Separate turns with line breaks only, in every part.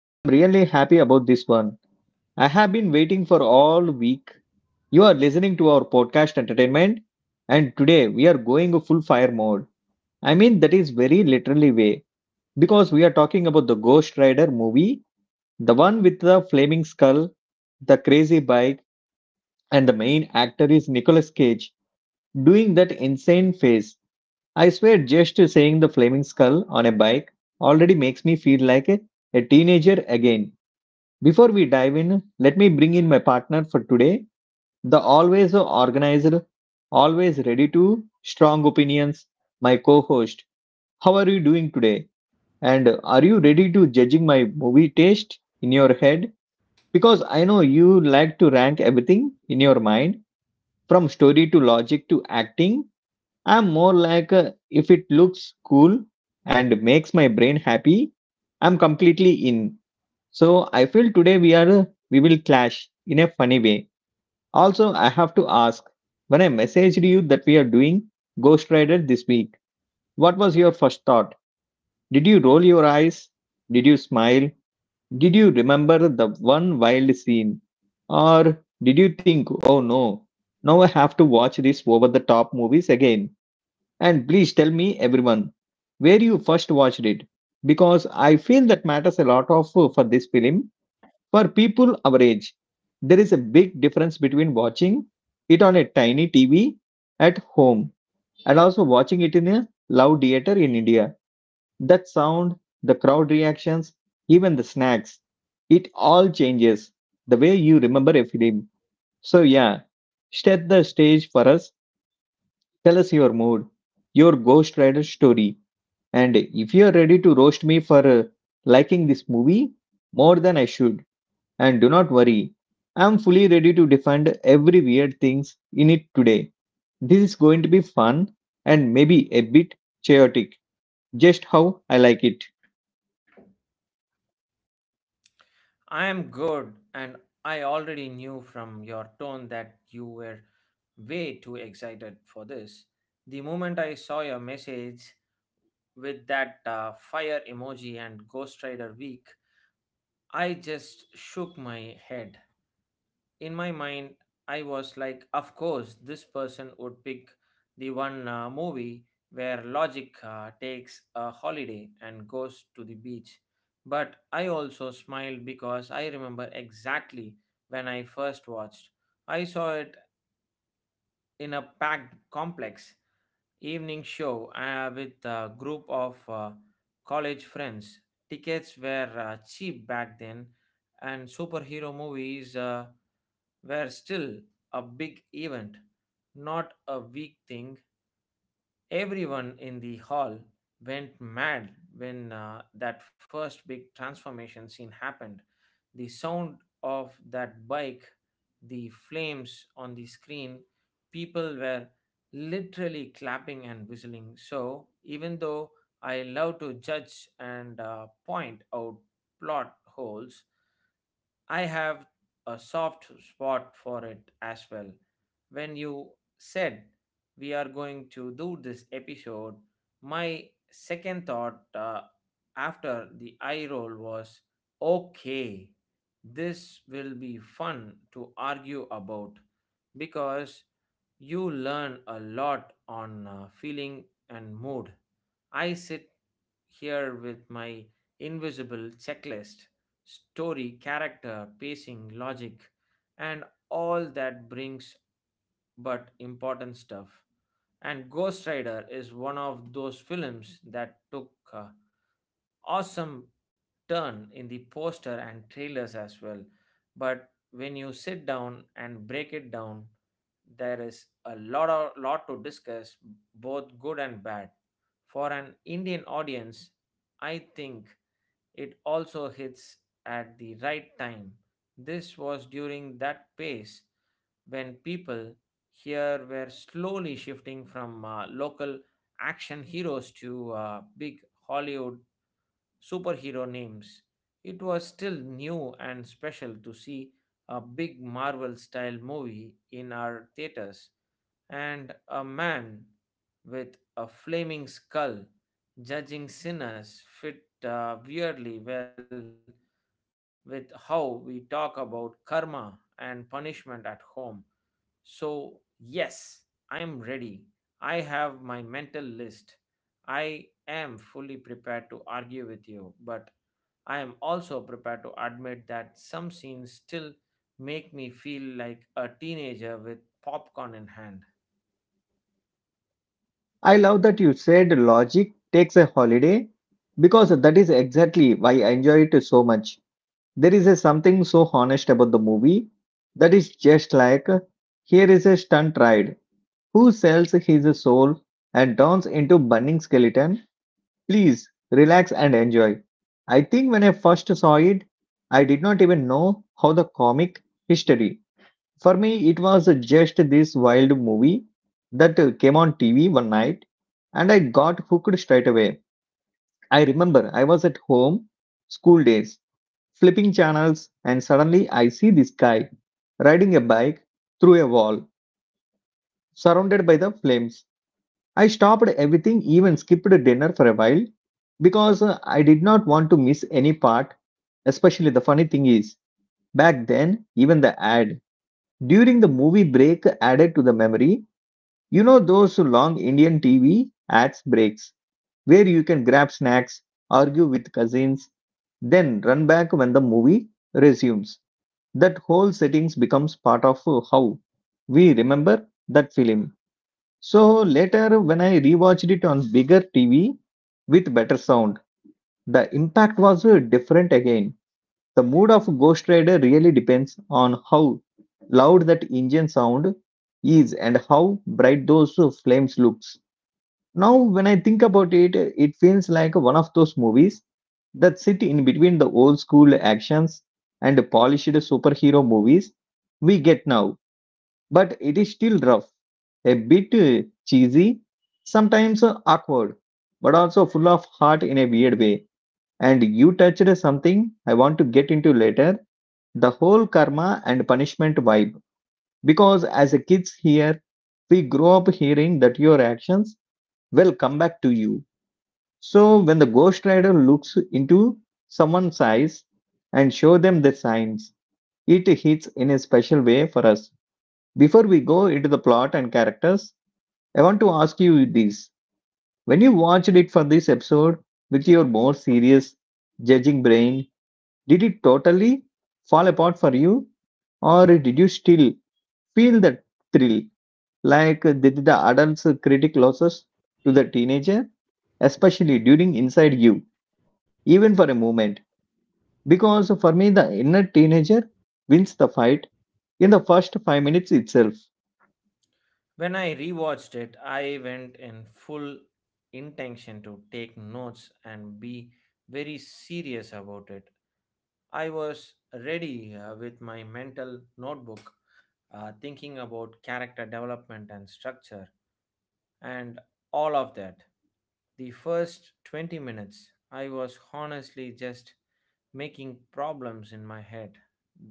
I'm really happy about this one. I have been waiting for all week. You are listening to our podcast entertainment and today we are going full fire mode. I mean that is very literally way because we are talking about the Ghost Rider movie, the one with the flaming skull, the crazy bike and the main actor is Nicolas Cage doing that insane face. I swear, just seeing the flaming skull on a bike already makes me feel like a teenager again. Before we dive in, let me bring in my partner for today, the always organized, always ready to strong opinions, my co host. How are you doing today? And are you ready to judging my movie taste in your head? Because I know you like to rank everything in your mind from story to logic to acting. I'm more like a, if it looks cool and makes my brain happy, I'm completely in. So I feel today we will clash in a funny way. Also, I have to ask when I messaged you that we are doing Ghost Rider this week. What was your first thought? Did you roll your eyes? Did you smile? Did you remember the one wild scene? Or did you think, oh no, now I have to watch these over the top movies again? And please tell me, everyone, where you first watched it, because I feel that matters a lot of for this film. For people our age, there is a big difference between watching it on a tiny TV at home and also watching it in a loud theater in India. That sound, the crowd reactions, even the snacks, it all changes the way you remember a film. So yeah, set the stage for us. Tell us your mood, your Ghost Rider story and if you're ready to roast me for liking this movie more than I should, and do not worry, I'm fully ready to defend every weird things in it today. This is going to be fun and maybe a bit chaotic, just how I like it.
I am good, and I already knew from your tone that you were way too excited for this. The moment I saw your message with that fire emoji and Ghost Rider week, I just shook my head in my mind. I was like, of course, this person would pick the one movie where logic takes a holiday and goes to the beach. But I also smiled because I remember exactly when I first watched. I saw it in a packed complex evening show with a group of college friends. Tickets were cheap back then, and superhero movies. Were still a big event, not a weak thing. Everyone in the hall went mad when that first big transformation scene happened. The sound of that bike, the flames on the screen, people were literally clapping and whistling. So, even though I love to judge and point out plot holes, I have a soft spot for it as well. When you said we are going to do this episode, my second thought after the eye roll was okay, this will be fun to argue about because you learn a lot on feeling and mood. I sit here with my invisible checklist story, character, pacing, logic, and all that brings but important stuff. And Ghost Rider is one of those films that took a awesome turn in the poster and trailers as well. But when you sit down and break it down, there is a lot to discuss, both good and bad. For an Indian audience, I think it also hits at the right time. This was during that pace when people here were slowly shifting from local action heroes to big Hollywood superhero names. It was still new and special to see a big Marvel style movie in our theaters, and a man with a flaming skull judging sinners fit weirdly well with how we talk about karma and punishment at home. So, yes, I am ready. I have my mental list. I am fully prepared to argue with you, but I am also prepared to admit that some scenes still make me feel like a teenager with popcorn in hand.
I love that you said logic takes a holiday because that is exactly why I enjoy it so much. There is a something so honest about the movie that is just like here is a stunt ride who sells his soul and turns into burning skeleton. Please relax and enjoy. I think when I first saw it, I did not even know how the comic history. For me, it was just this wild movie that came on TV one night and I got hooked straight away. I remember I was at home, school days, flipping channels, and suddenly I see this guy riding a bike through a wall, surrounded by the flames. I stopped everything, even skipped dinner for a while because I did not want to miss any part. Especially the funny thing is, back then, even the ad during the movie break added to the memory. You know those long Indian TV ads breaks where you can grab snacks, argue with cousins, then run back when the movie resumes. That whole settings becomes part of how we remember that film. So later, when I rewatched it on bigger TV with better sound, the impact was different again. The mood of Ghost Rider really depends on how loud that engine sound is and how bright those flames looks. Now, when I think about it, it feels like one of those movies that sit in between the old school actions and polished superhero movies we get now, but it is still rough, a bit cheesy, sometimes awkward, but also full of heart in a weird way. And you touched something I want to get into later, the whole karma and punishment vibe. Because as a kids here, we grow up hearing that your actions will come back to you. So when the ghost rider looks into someone's eyes and show them the signs, it hits in a special way for us. Before we go into the plot and characters, I want to ask you this. When you watched it for this episode with your more serious judging brain, did it totally fall apart for you? Or did you still feel the thrill, like did the adult's critic losses to the teenager, especially during Inside You, even for a moment? Because for me, the inner teenager wins the fight in the first 5 minutes itself.
When I rewatched it, I went in full intention to take notes and be very serious about it. I was ready with my mental notebook, thinking about character development and structure and all of that. The first 20 minutes, I was honestly just making problems in my head.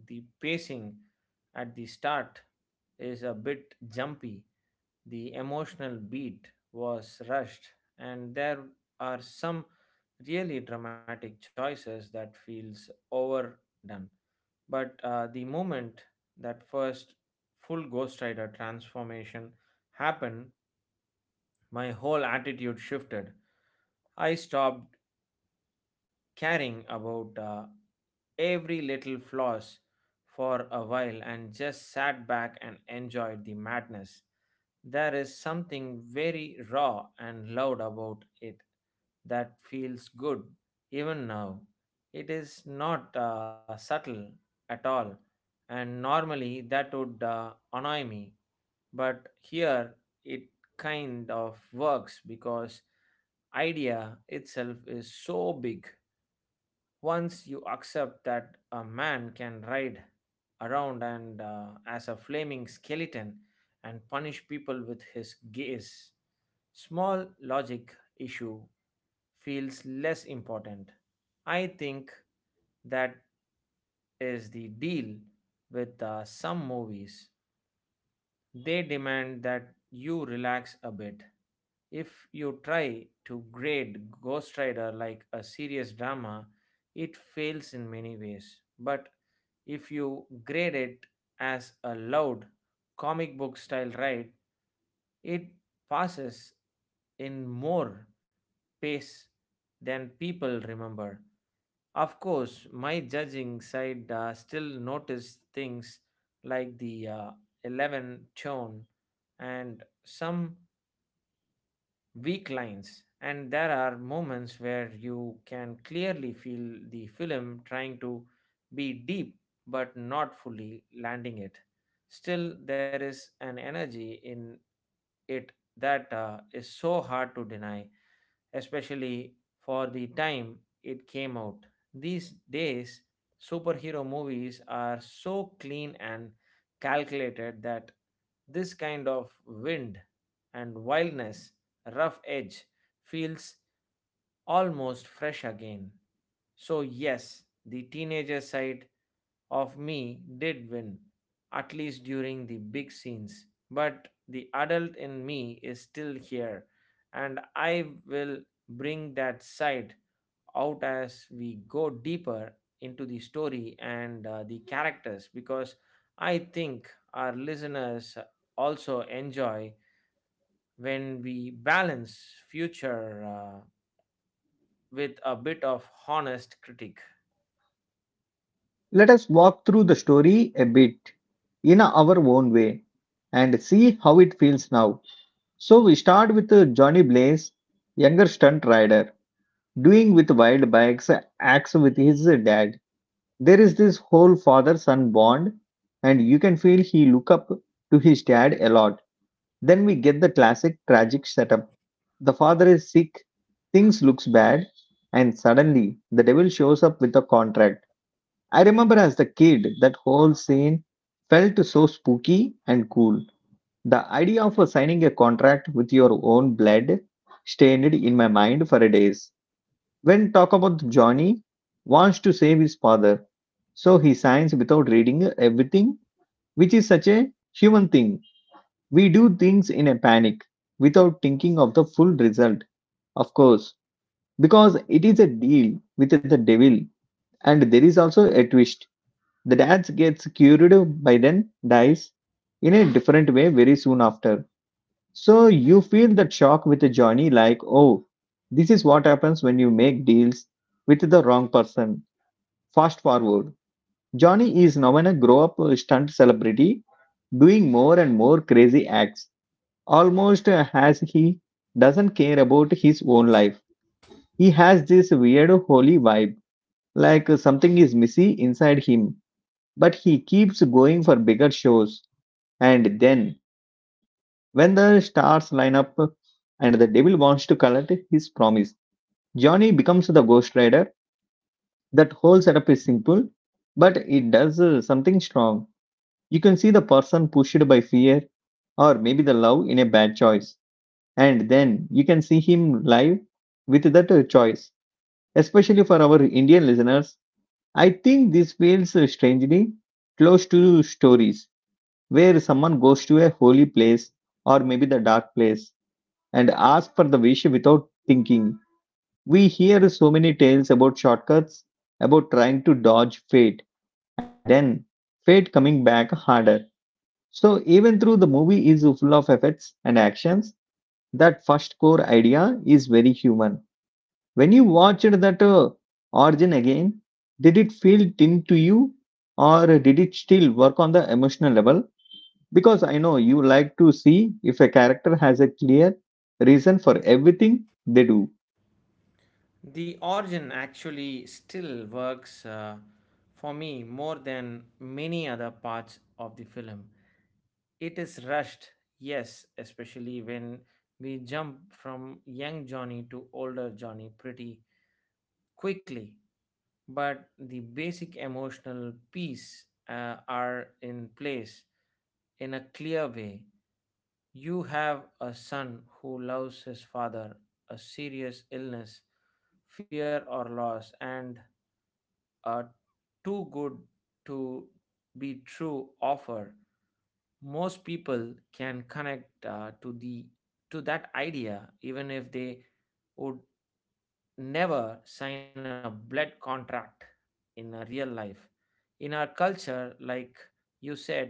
The pacing at the start is a bit jumpy, the emotional beat was rushed, and there are some really dramatic choices that feels overdone, but the moment that first full Ghost Rider transformation happened, my whole attitude shifted. I stopped caring about every little flaws for a while and just sat back and enjoyed the madness. There is something very raw and loud about it that feels good even now. It is not subtle at all, and normally that would annoy me, but here it kind of works because idea itself is so big. Once you accept that a man can ride around and as a flaming skeleton and punish people with his gaze, small logic issue feels less important. I think that is the deal with some movies. They demand that you relax a bit. If you try to grade Ghost Rider like a serious drama, it fails in many ways. But if you grade it as a loud comic book style ride, it passes in more pace than people remember. Of course, my judging side still noticed things like the 11 tone and some weak lines, and there are moments where you can clearly feel the film trying to be deep but not fully landing it. Still, there is an energy in it that is so hard to deny, especially for the time it came out. These days superhero movies are so clean and calculated that this kind of wind and wildness rough edge feels almost fresh again. So, yes, the teenager side of me did win, at least during the big scenes. But the adult in me is still here, and I will bring that side out as we go deeper into the story and the characters, because I think our listeners also enjoy when we balance future with a bit of honest critique.
Let us walk through the story a bit in our own way and see how it feels now. So, we start with Johnny Blaze, younger stunt rider, doing with wild bikes, acts with his dad. There is this whole father son bond, and you can feel he look up to his dad a lot. Then we get the classic tragic setup. The father is sick, things looks bad, and suddenly the devil shows up with a contract. I remember as a kid, that whole scene felt so spooky and cool. The idea of signing a contract with your own blood stayed in my mind for days. When talk about Johnny wants to save his father, so he signs without reading everything, which is such a human thing. We do things in a panic without thinking of the full result, of course, because it is a deal with the devil and there is also a twist, the dad gets cured by then, dies in a different way very soon after. So you feel that shock with Johnny, like, oh, this is what happens when you make deals with the wrong person. Fast forward. Johnny is now in a grow up stunt celebrity, doing more and more crazy acts, almost as he doesn't care about his own life. He has this weird holy vibe, like something is missing inside him, but he keeps going for bigger shows. And then, when the stars line up and the devil wants to collect his promise, Johnny becomes the ghost rider. That whole setup is simple, but it does something strong. You can see the person pushed by fear or maybe the love in a bad choice. And then you can see him live with that choice. Especially for our Indian listeners, I think this feels strangely close to stories where someone goes to a holy place or maybe the dark place and asks for the wish without thinking. We hear so many tales about shortcuts, about trying to dodge fate, and then fate coming back harder. So, even though the movie is full of effects and actions, that first core idea is very human. When you watched that origin again, did it feel thin to you or did it still work on the emotional level? Because I know you like to see if a character has a clear reason for everything they do.
The origin actually still works for me more than many other parts of the film. It is rushed, yes, especially when we jump from young Johnny to older Johnny pretty quickly. But the basic emotional piece are in place in a clear way. You have a son who loves his father, a serious illness, fear or loss, and a too good to be true offer. Most people can connect to that idea, even if they would never sign a blood contract in a real life. In our culture, like you said,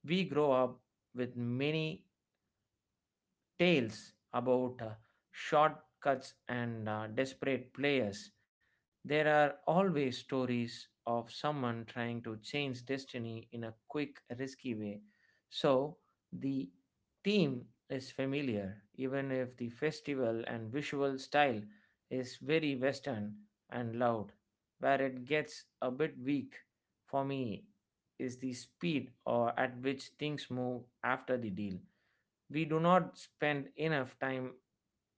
we grow up with many tales about shortcuts and desperate players. There are always stories of someone trying to change destiny in a quick, risky way. So the theme is familiar, even if the festival and visual style is very Western and loud. Where it gets a bit weak for me is the speed or at which things move after the deal. We do not spend enough time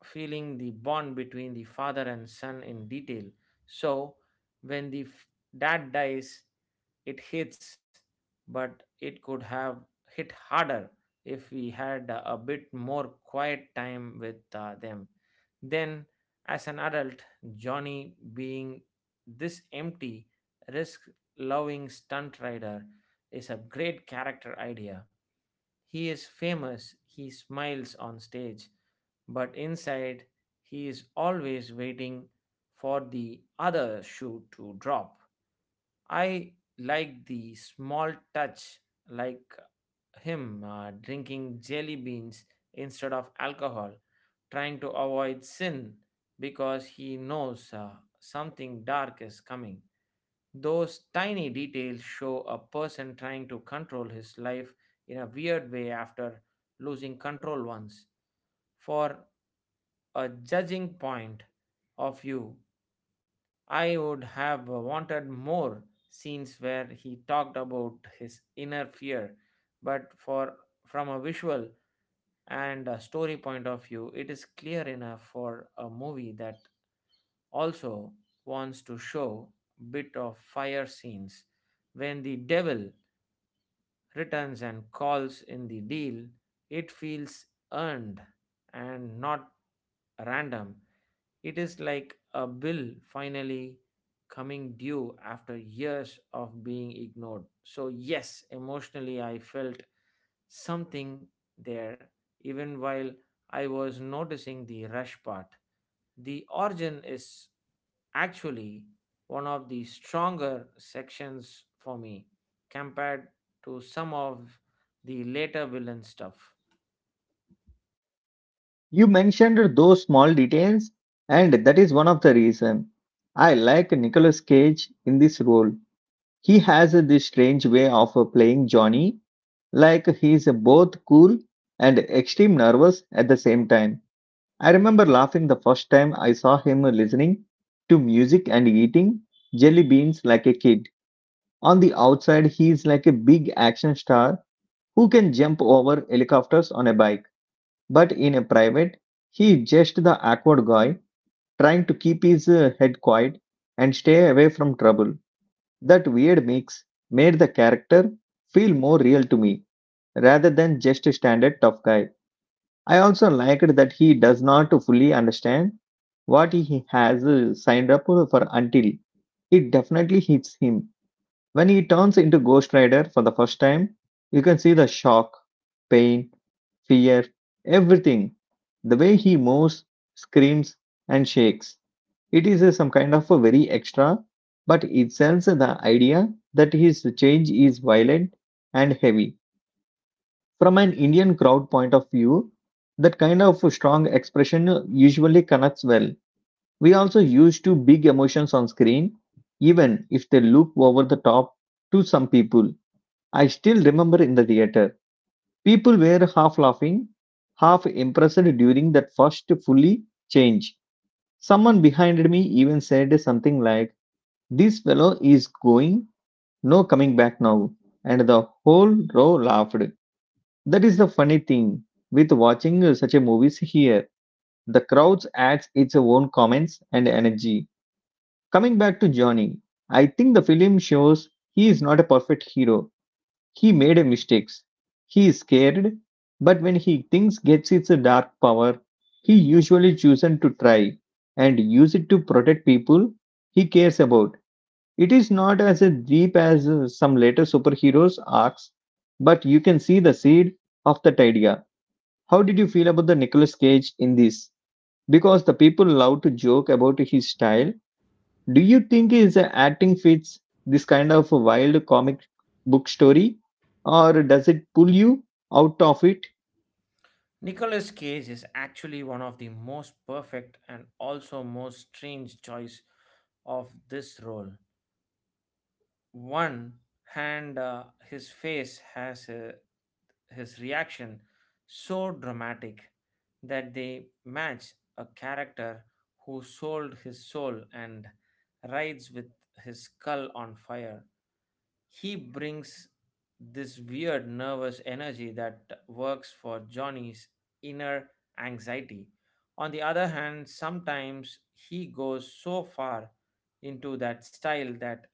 feeling the bond between the father and son in detail. So, when the dad dies, it hits, but it could have hit harder if we had a bit more quiet time with them. Then, as an adult, Johnny being this empty, risk loving stunt rider is a great character idea. He is famous, he smiles on stage, but inside he is always waiting for the other shoe to drop. I like the small touch, like him drinking jelly beans instead of alcohol, trying to avoid sin because he knows something dark is coming. Those tiny details show a person trying to control his life in a weird way after losing control once. For a judging point of view, I would have wanted more scenes where he talked about his inner fear, but for from a visual and a story point of view, it is clear enough for a movie that also wants to show bit of fire scenes. When the devil returns and calls in the deal, it feels earned and not random. It is like a bill finally coming due after years of being ignored. So, yes, emotionally, I felt something there, even while I was noticing the rush part. The origin is actually one of the stronger sections for me compared to some of the later villain stuff.
You mentioned those small details, and that is one of the reason I like Nicolas Cage in this role. He has this strange way of playing Johnny, like he is both cool and extreme nervous at the same time. I remember laughing the first time I saw him listening to music and eating jelly beans like a kid. On the outside, he is like a big action star who can jump over helicopters on a bike. But in a private, he is just the awkward guy trying to keep his head quiet and stay away from trouble. That weird mix made the character feel more real to me rather than just a standard tough guy. I also liked that he does not fully understand what he has signed up for until it definitely hits him. When he turns into Ghost Rider for the first time, you can see the shock, pain, fear, everything. The way he moves, screams, and shakes. It is some kind of a very extra, but it sells the idea that his change is violent and heavy. From an Indian crowd point of view, that kind of strong expression usually connects well. We also used to big emotions on screen, even if they look over the top to some people. I still remember in the theater, people were half laughing, half impressed during that first fully change. Someone behind me even said something like, "This fellow is going, no coming back now." And the whole row laughed. That is the funny thing with watching such a movies here. The crowds adds its own comments and energy. Coming back to Johnny, I think the film shows he is not a perfect hero. He made a mistakes. He is scared, but when he thinks gets its dark power, he usually chooses to try and use it to protect people he cares about. It is not as deep as some later superheroes arcs, but you can see the seed of that idea. How did you feel about the Nicolas Cage in this? Because the people love to joke about his style, do you think his acting fits this kind of a wild comic book story, or does it pull you out of it?
Nicolas Cage is actually one of the most perfect and also most strange choice of this role. One hand, his face has a, his reaction so dramatic that they match a character who sold his soul and rides with his skull on fire. He brings this weird nervous energy that works for Johnny's inner anxiety. On the other hand, sometimes he goes so far into that style that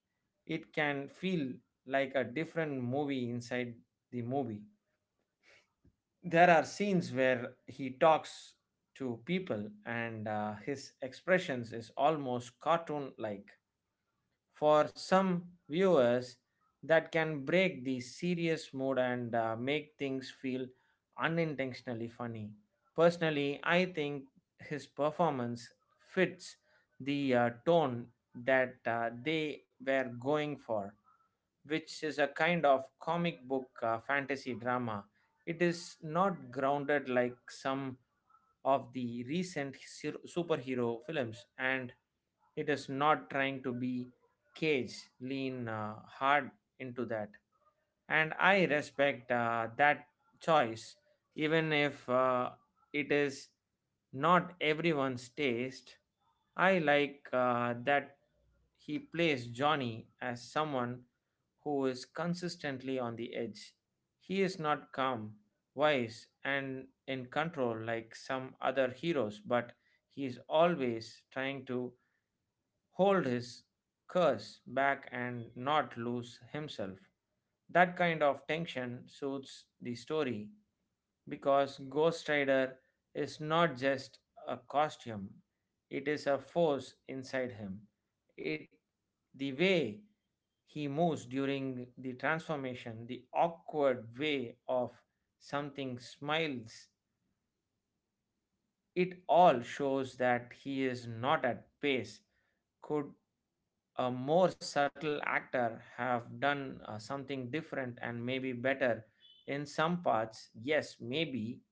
it can feel like a different movie inside the movie. There are scenes where he talks to people and his expressions is almost cartoon like. For some viewers, that can break the serious mood and make things feel unintentionally funny. Personally, I think his performance fits the tone that they were going for, which is a kind of comic book fantasy drama. It is not grounded like some of the recent superhero films, and it is not trying to be cage lean hard into that, and I respect that choice, even if it is not everyone's taste. I like that he plays Johnny as someone who is consistently on the edge. He is not calm wise and in control like some other heroes, but he is always trying to hold his curse back and not lose himself. That kind of tension suits the story because Ghost Rider is not just a costume, it is a force inside him. It the way he moves during the transformation, the awkward way of something smiles, it all shows that he is not at pace. Could a more subtle actor have done something different and maybe better in some parts? Yes, maybe,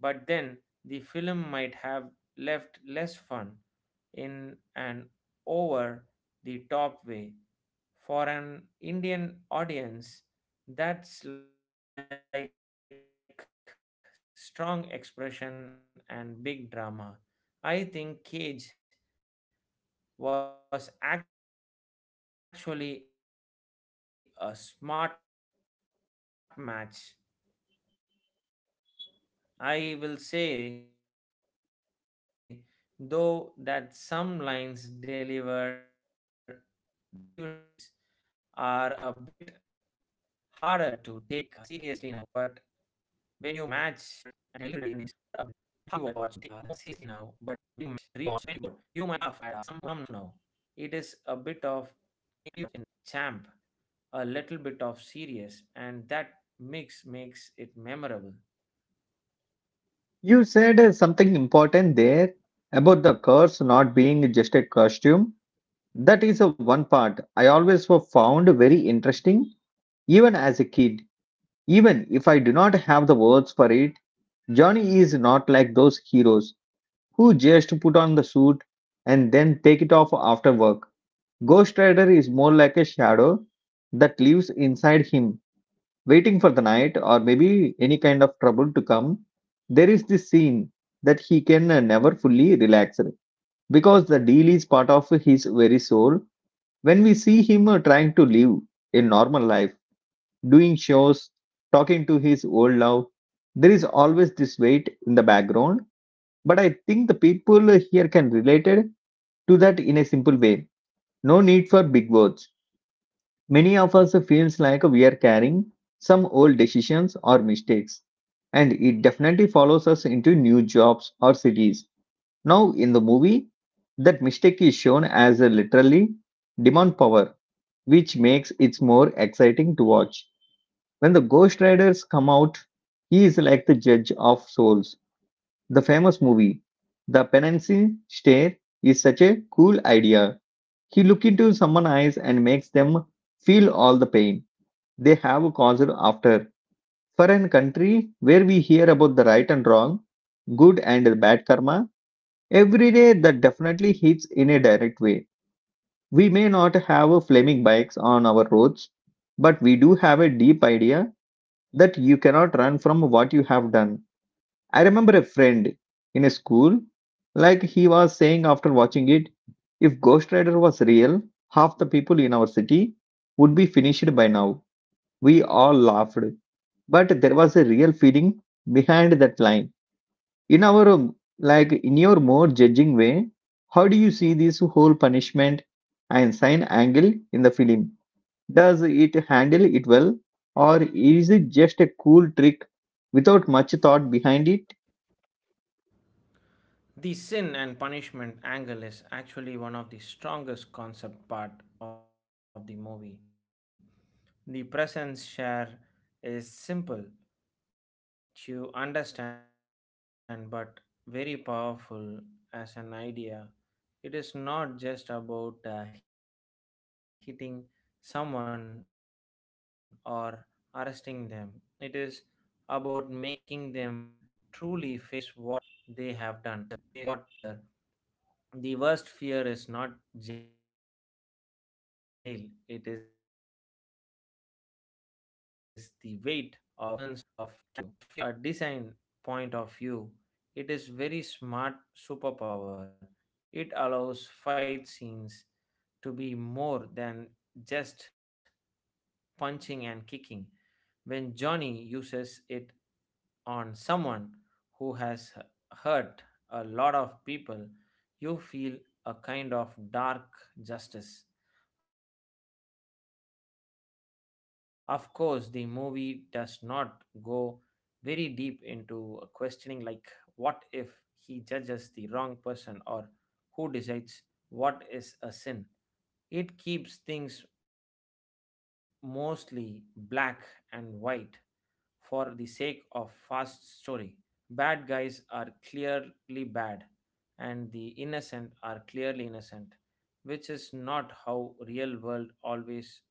but then the film might have left less fun in an over the top way. For an Indian audience, that's like strong expression and big drama. I think Cage was actually a smart match. I will say, though, that some lines deliver deliveries are a bit harder to take seriously now. But when you match and rewatch in 2024, you might laugh at some moments that were meant to be deep, but that is also a part of charm now. It is a bit of champ,
You
a
said
little bit of
something
serious,
important there
and that
about the
mix
curse
makes
not
it
being just a
memorable.
costume. That is a one part I always found very interesting, even as a kid. Even if I do not have the words for it, Johnny is not like those heroes who just put on the suit and then take it off after work. Ghost Rider is more like a shadow that lives inside him, waiting for the night or maybe any kind of trouble to come. There is this scene that he can never fully relax because the deal is part of his very soul. When we see him trying to live a normal life, doing shows, talking to his old love, there is always this weight in the background. But I think the people here can relate it to that in a simple way. No need for big words. Many of us feels like we are carrying some old decisions or mistakes, and it definitely follows us into new jobs or cities. Now, in the movie, that mistake is shown as a literally demon power, which makes it more exciting to watch. When the Ghost Riders come out, he is like the judge of souls. The famous movie, The Penance Stare, is such a cool idea. He look into someone's eyes and makes them feel all the pain they have a causal after. For an country where we hear about the right and wrong, good and bad karma, every day that definitely hits in a direct way. We may not have flaming bikes on our roads, but we do have a deep idea that you cannot run from what you have done. I remember a friend in a school, like he was saying after watching it, if Ghost Rider was real, half the people in our city would be finished by now. We all laughed but there was a real feeling behind that line in our like in your more judging way, how do you see this whole punishment and sign angle in the film? Does it handle it well, or is it just a cool trick without much thought behind it?
The sin and punishment angle is actually one of the strongest concept part of the movie. The presence share is simple to understand but very powerful as an idea. It is not just about hitting someone or arresting them. It is about making them truly face what they have done. In many stories, especially in our culture, the worst fear is not jail, it is the weight of your own actions catching up with you. Ghost Rider turns that fear into a visual tool for a design point of view. It is very smart superpower. It allows fight scenes to be more than just punching and kicking. When Johnny uses it on someone who hurt a lot of people, you feel a kind of dark justice. Of course, the movie does not go very deep into questioning, like, what if he judges the wrong person or who decides what is a sin. It keeps things mostly black and white for the sake of fast story. Bad guys are clearly bad and the innocent are clearly innocent, which is not how real world always works.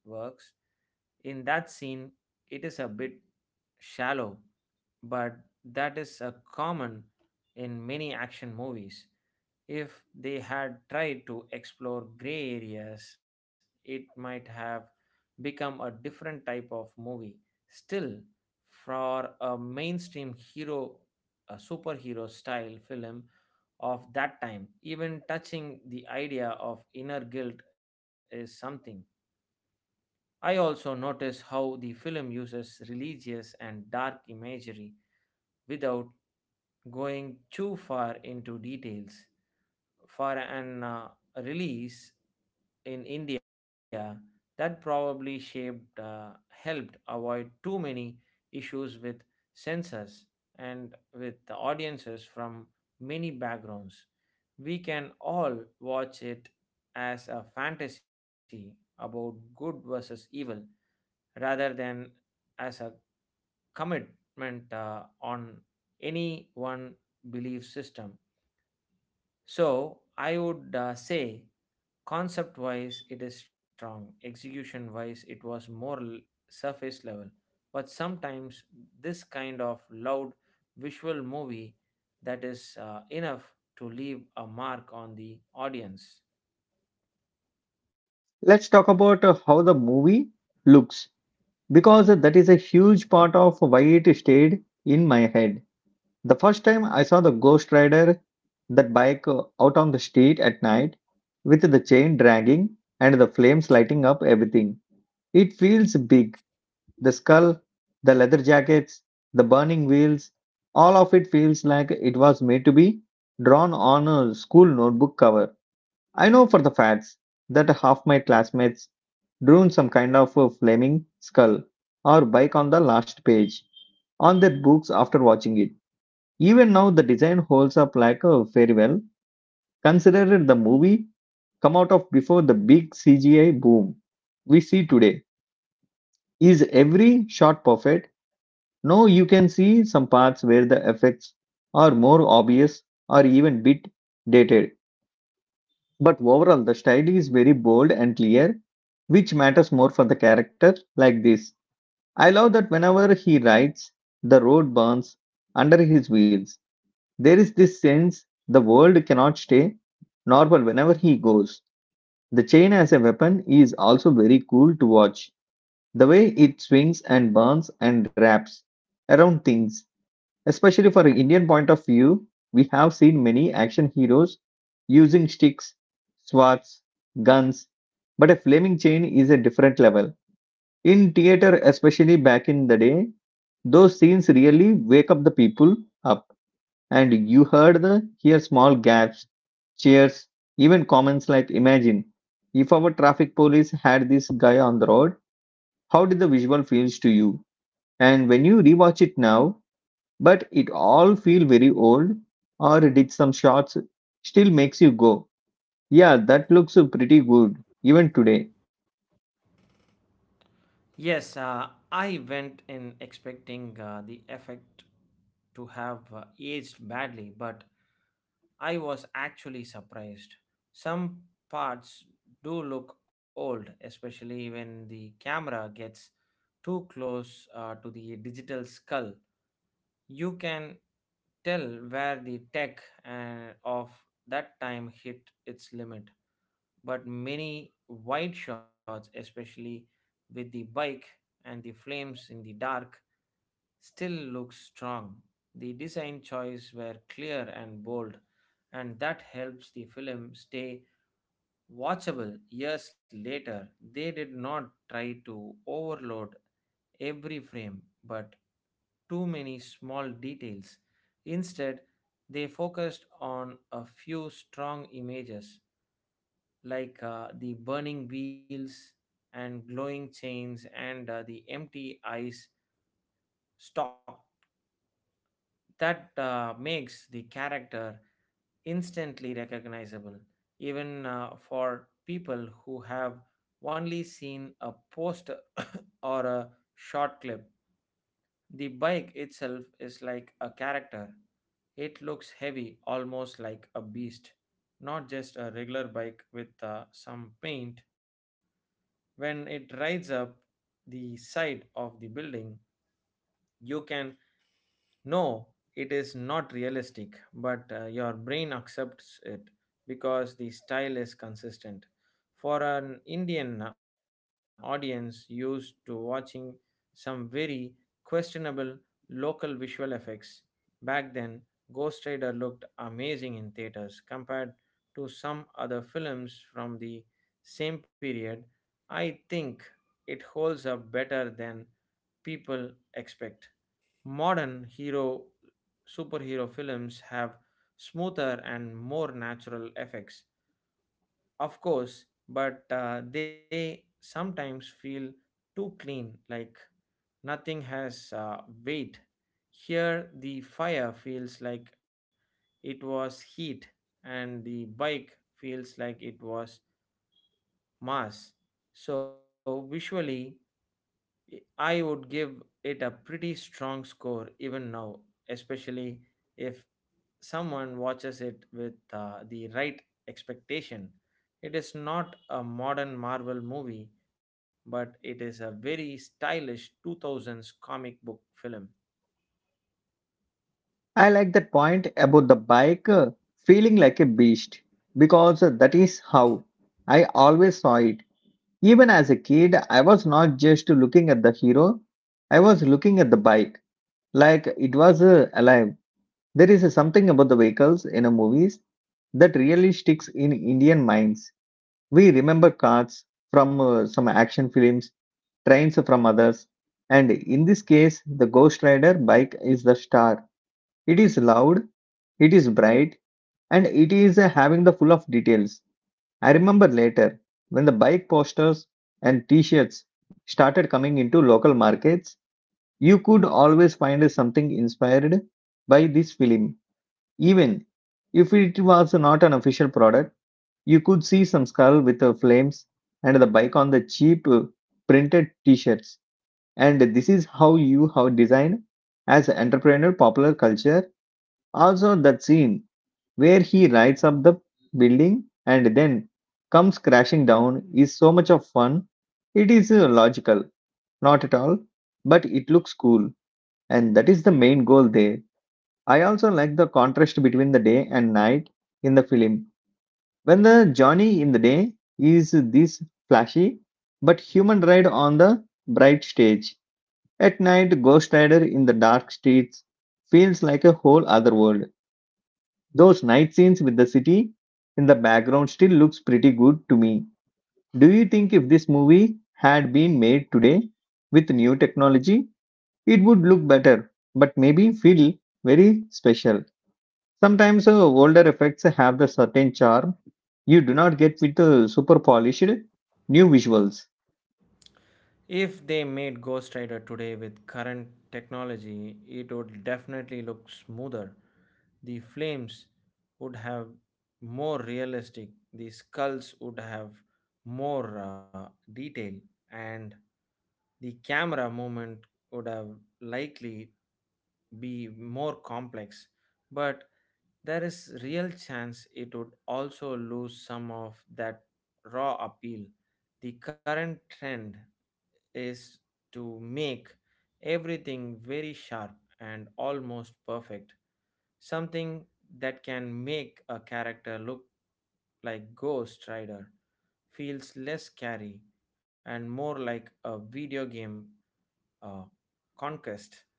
In that scene, it is a bit shallow, but that is a common in many action movies. If they had tried to explore gray areas, it might have become a different type of movie. Still, for a mainstream hero, a superhero style film of that time, even touching the idea of inner guilt is something. I also notice how the film uses religious and dark imagery without going too far into details. For an release in India that probably shaped helped avoid too many issues with censors and with the audiences from many backgrounds. We can all watch it as a fantasy about good versus evil rather than as a commitment on any one belief system. So I would say concept wise, it is strong. Execution wise, it was surface level. But sometimes this kind of loud visual movie that is enough to leave a mark on the audience.
Let's talk about how the movie looks because that is a huge part of why it stayed in my head. The first time I saw the Ghost Rider, that bike out on the street at night with the chain dragging and the flames lighting up everything. It feels big. The skull, the leather jackets, the burning wheels, all of it feels like it was made to be drawn on a school notebook cover. I know for the facts that half my classmates drew some kind of a flaming skull or bike on the last page on their books after watching it. Even now, the design holds up like a very well. Considered the movie come out of before the big CGI boom we see today. Is every shot perfect? No, you can see some parts where the effects are more obvious or even bit dated. But overall, the style is very bold and clear, which matters more for the character like this. I love that whenever he rides, the road burns under his wheels. There is this sense the world cannot stay normal whenever he goes. The chain as a weapon is also very cool to watch. The way it swings and burns and wraps around things, especially for an Indian point of view, we have seen many action heroes using sticks, swords, guns, but a flaming chain is a different level. In theater, especially back in the day, those scenes really wake up the people up. And you heard the here small gaps, cheers, even comments like imagine if our traffic police had this guy on the road, how did the visual feels to you? And when you rewatch it now, but it all feel very old or did some shots still makes you go, yeah, that looks pretty good even today.
Yes, I went in expecting the effect to have aged badly, but I was actually surprised. Some parts do look old, especially when the camera gets too close to the digital skull. You can tell where the tech of that time hit its limit. But many wide shots, especially with the bike and the flames in the dark, still looks strong. The design choices were clear and bold, and that helps the film stay watchable years later. They did not try to overload every frame, but too many small details. Instead, they focused on a few strong images like the burning wheels and glowing chains and the empty ice stalk that makes the character instantly recognizable, even for people who have only seen a poster or a short clip. The bike itself is like a character. It looks heavy, almost like a beast, not just a regular bike with some paint. When it rides up the side of the building, you can no, it is not realistic, but your brain accepts it because the style is consistent. For an Indian audience used to watching some very questionable local visual effects, back then Ghost Rider looked amazing in theaters compared to some other films from the same period. I think it holds up better than people expect. Modern hero superhero films have smoother and more natural effects, of course, but they sometimes feel too clean, like nothing has weight. Here, the fire feels like it was heat, and the bike feels like it was mass. So, visually, I would give it a pretty strong score even now, especially if someone watches it with the right expectation. It is not a modern Marvel movie, but it is a very stylish 2000s comic book film.
I like that point about the bike feeling like a beast because that is how I always saw it. Even as a kid, I was not just looking at the hero, I was looking at the bike, like it was alive. There is something about the vehicles in the movies that really sticks in Indian minds. We remember cars from some action films, trains from others, and in this case, the Ghost Rider bike is the star. It is loud, it is bright, and it is having the full of details. I remember later when the bike posters and t shirts started coming into local markets, you could always find something inspired by this film. Even if it was not an official product, you could see some skull with the flames and the bike on the cheap printed t shirts. And this is how you have designed as entrepreneur popular culture. Also, that scene where he rides up the building and then comes crashing down is so much of fun. It is logical, not at all, but it looks cool, and that is the main goal there. I also like the contrast between the day and night in the film. When the Johnny in the day is this flashy but human ride on the bright stage. At night, Ghost Rider in the dark streets feels like a whole other world. Those night scenes with the city in the background still looks pretty good to me. Do you think if this movie had been made today with new technology, it would look better, but maybe feel very special? Sometimes older effects have the certain charm you do not get with the super polished new visuals.
If they made Ghost Rider today with current technology, it would definitely look smoother. The flames would have more realistic, the skulls would have more detail, and the camera movement would have likely be more complex. But there is real chance it would also lose some of that raw appeal. The current trend is to make everything very sharp and almost perfect, something that can make a character look like Ghost Rider, feels less scary and more like a video game uh, conquest.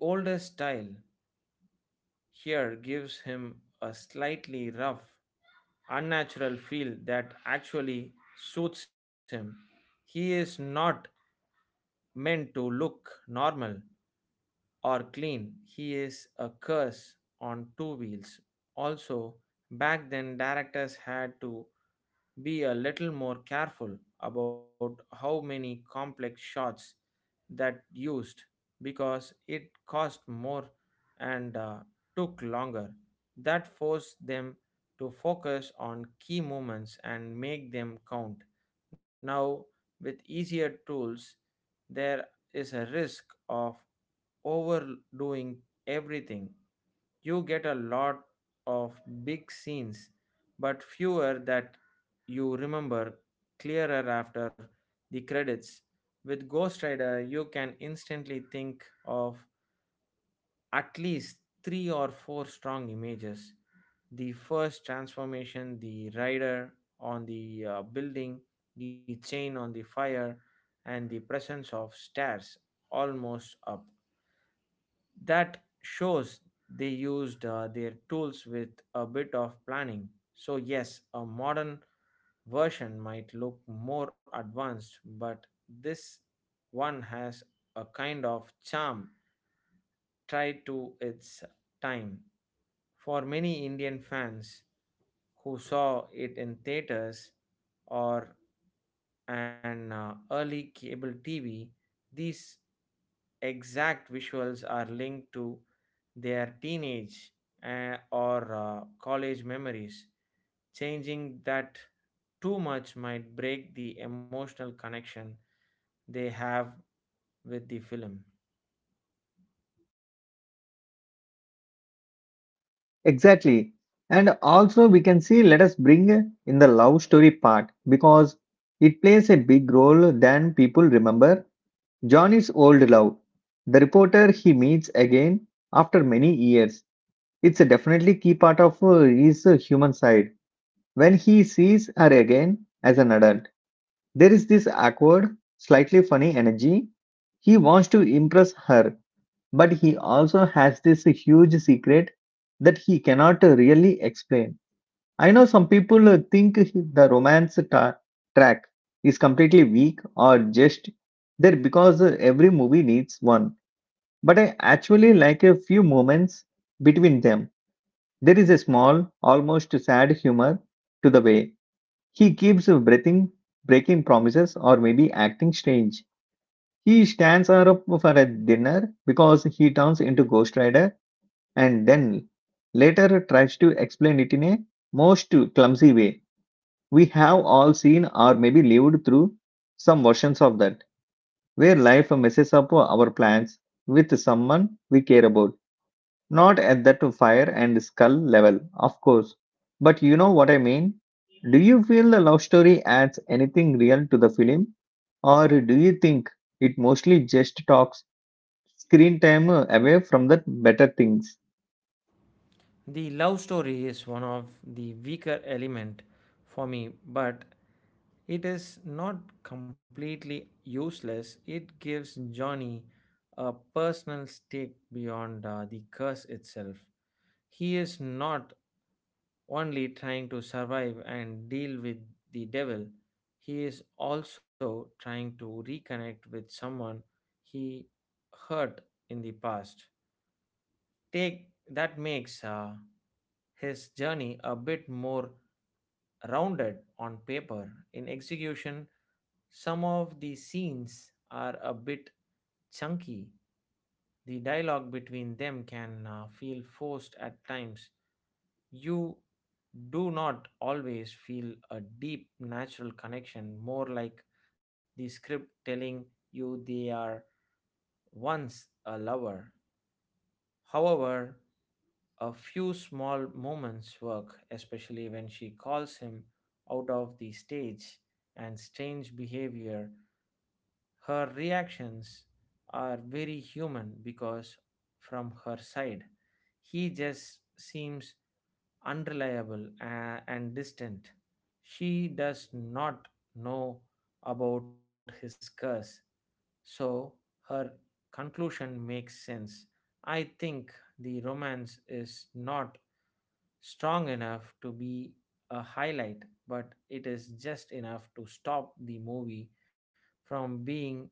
The older style here gives him a slightly rough, unnatural feel that actually suits him. He is not meant to look normal, or clean. He is a curse on two wheels. Also, back then directors had to be a little more careful about how many complex shots that used because it cost more and took longer that forced them to focus on key moments and make them count now with easier tools there is a risk of overdoing everything. You get a lot of big scenes, but fewer that you remember clearer after the credits. With Ghost Rider, you can instantly think of at least three or four strong images, the first transformation, the rider on the building, the chain on the fire, and the presence of stairs almost up that shows they used their tools with a bit of planning. So, yes, a modern version might look more advanced, but this one has a kind of charm tied to its time. For many Indian fans who saw it in theaters or an early cable TV, these exact visuals are linked to their teenage or college memories. Changing that too much might break the emotional connection they have with the film.
Exactly. And also, we can see let us bring in the love story part because it plays a big role than people remember. Johnny's old love, the reporter he meets again after many years. It's a definitely key part of his human side. When he sees her again as an adult, there is this awkward, slightly funny energy. He wants to impress her, but he also has this huge secret that he cannot really explain. I know some people think the romance track is completely weak or just there because every movie needs one, but I actually like a few moments between them. There is a small, almost sad humor to the way he keeps breathing, breaking promises, or maybe acting strange. He stands her up for a dinner because he turns into Ghost Rider and then later tries to explain it in a most clumsy way. We have all seen or maybe lived through some versions of that, where life messes up our plans with someone we care about. Not at that fire and skull level, of course, but you know what I mean. Do you feel the love story adds anything real to the film, or do you think it mostly just talks screen time away from the better things?
The love story is one of the weaker element for me, but it is not completely useless. It gives Johnny a personal stake beyond the curse itself. He is not only trying to survive and deal with the devil, he is also trying to reconnect with someone he hurt in the past. Take that makes his journey a bit more rounded on paper. In execution, some of the scenes are a bit chunky. The dialogue between them can feel forced at times, you do not always feel a deep natural connection, more like the script telling you they are once a lover. However, a few small moments work, especially when she calls him out of the stage and strange behavior her reactions are very human because, from her side, he just seems unreliable and distant. She does not know about his curse, so her conclusion makes sense. I think the romance is not strong enough to be a highlight, but it is just enough to stop the movie from being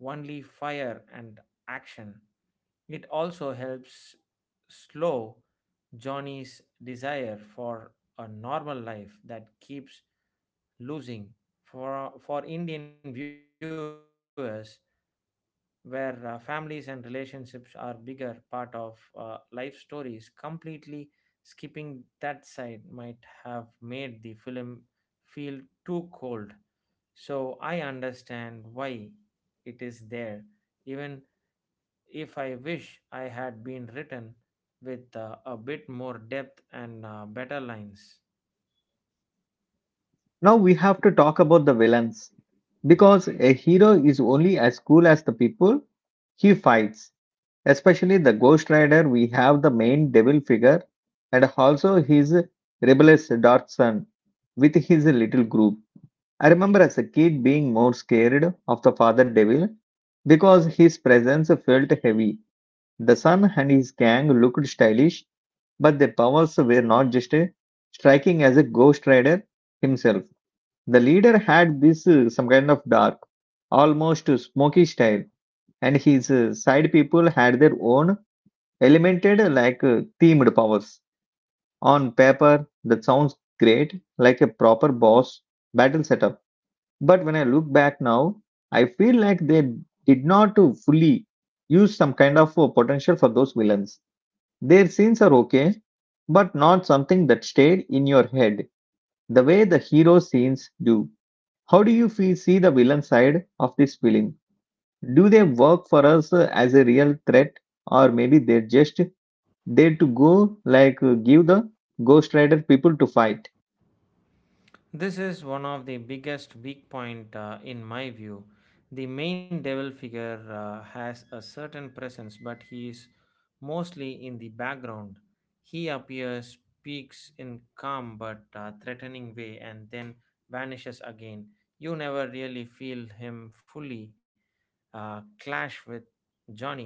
only fire and action. It also helps slow Johnny's desire for a normal life that keeps losing. For Indian viewers, where families and relationships are bigger part of life stories completely skipping that side might have made the film feel too cold. So I understand why it is there, even if I wish I had been written with a bit more depth and better lines.
Now we have to talk about the villains because a hero is only as cool as the people he fights, especially the Ghost Rider. We have the main devil figure and also his rebellious dark son with his little group. I remember as a kid being more scared of the father devil because his presence felt heavy. The son and his gang looked stylish, but their powers were not just striking as a ghost rider himself. The leader had this some kind of dark, almost smoky style, and his side people had their own elemented like themed powers. On paper, that sounds great, like a proper boss battle setup, but when I look back now, I feel like they did not to fully use some kind of a potential for those villains. Their scenes are okay, but not something that stayed in your head the way the hero scenes do. How do you feel, see the villain side of this film? Do they work for us as a real threat, or maybe they're just there to go like give the Ghost Rider people to fight?
This is one of the biggest weak point in my view. The main devil figure has a certain presence but he is mostly in the background. He appears, speaks in calm but threatening way and then vanishes again. You never really feel him fully clash with Johnny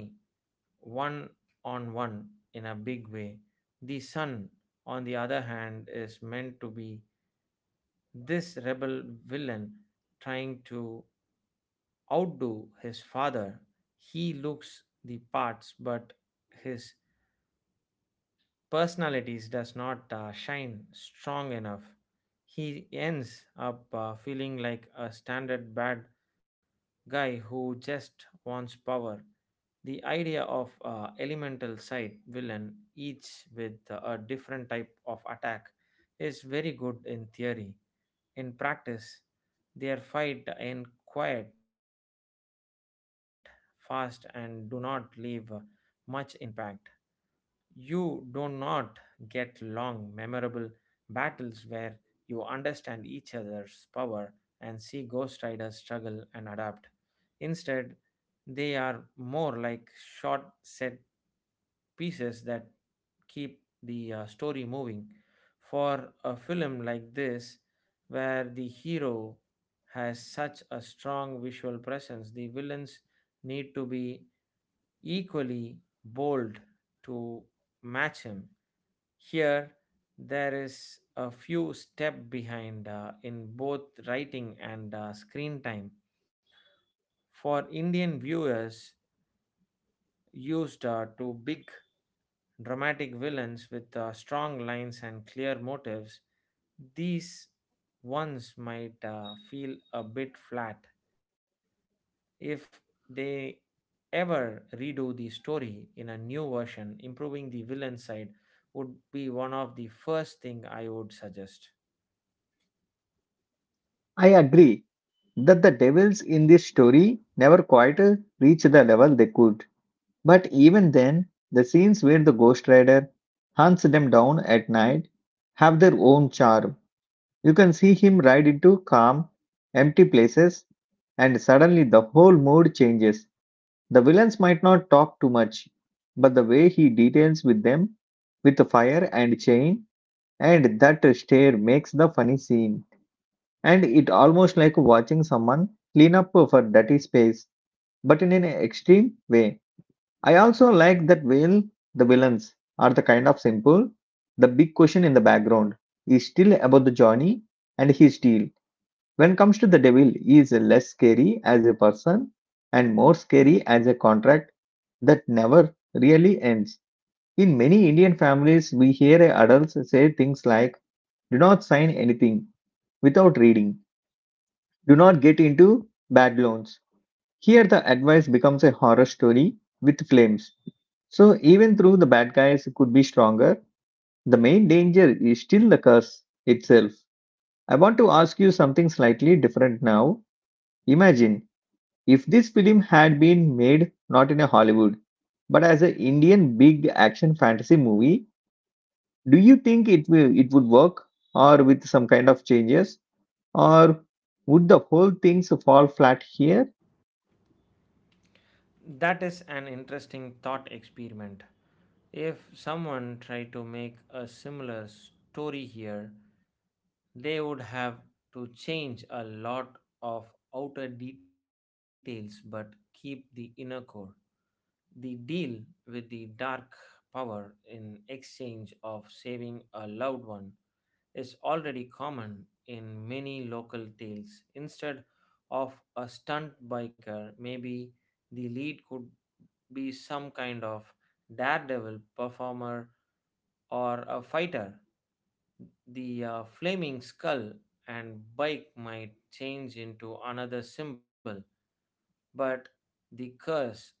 one on one in a big way. The sun, on the other hand, is meant to be this rebel villain trying to outdo his father, he looks the parts, but his personalities does not shine strong enough. He ends up feeling like a standard bad guy who just wants power. The idea of elemental side villain, each with a different type of attack, is very good in theory. In practice, their fight end quiet, fast, and do not leave much impact. You do not get long, memorable battles where you understand each other's power and see Ghost Riders struggle and adapt. Instead, they are more like short set pieces that keep the story moving. For a film like this, where the hero has such a strong visual presence, the villains need to be equally bold to match him. Here, there is a few step behind in both writing and screen time. For Indian viewers, used to big dramatic villains with strong lines and clear motives, these ones might feel a bit flat. If they ever redo the story in a new version, improving the villain side would be one of the first thing I would suggest.
I agree that the devils in this story never quite reach the level they could. But even then, the scenes where the Ghost Rider hunts them down at night have their own charm. You can see him ride into calm, empty places, and suddenly the whole mood changes. The villains might not talk too much, but the way he details with them, with the fire and chain, and that stare makes the funny scene and it almost like watching someone clean up for dirty space but in an extreme way. I also like that while the villains are the kind of simple, the big question in the background is still about the Johnny and his deal. When comes to the devil, he is less scary as a person and more scary as a contract that never really ends. In many Indian families we hear adults say things like do not sign anything without reading, do not get into bad loans. Here, the advice becomes a horror story with flames. So, even though the bad guys could be stronger, the main danger is still the curse itself. I want to ask you something slightly different now. Imagine if this film had been made not in a Hollywood, but as an Indian big action fantasy movie, do you think it will it would work or with some kind of changes, or would the whole things fall flat here?
That is an interesting thought experiment. If someone tried to make a similar story here, they would have to change a lot of outer details but keep the inner core. The deal with the dark power in exchange of saving a loved one is already common in many local tales. Instead of a stunt biker, maybe the lead could be some kind of daredevil performer or a fighter. The flaming skull and bike might change into another symbol, but the curse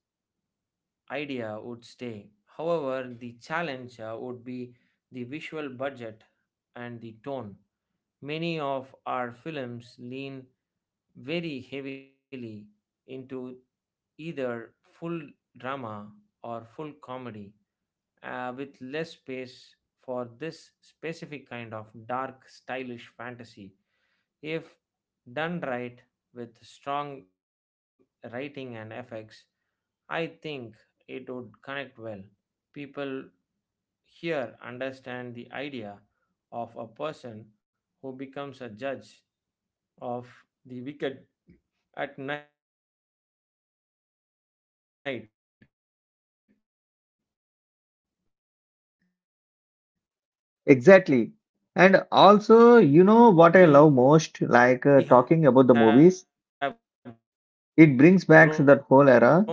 idea would stay. However, the challenge would be the visual budget and the tone. Many of our films lean very heavily into either full drama or full comedy, with less space for this specific kind of dark, stylish fantasy. If done right with strong writing and effects, I think it would connect well. People here understand the idea of a person who becomes a judge of the wicked at night, we have grown up with stories of spirits and guardians who punish the.
Exactly. And also, you know what I love most, like talking about the movies, it brings back that whole era.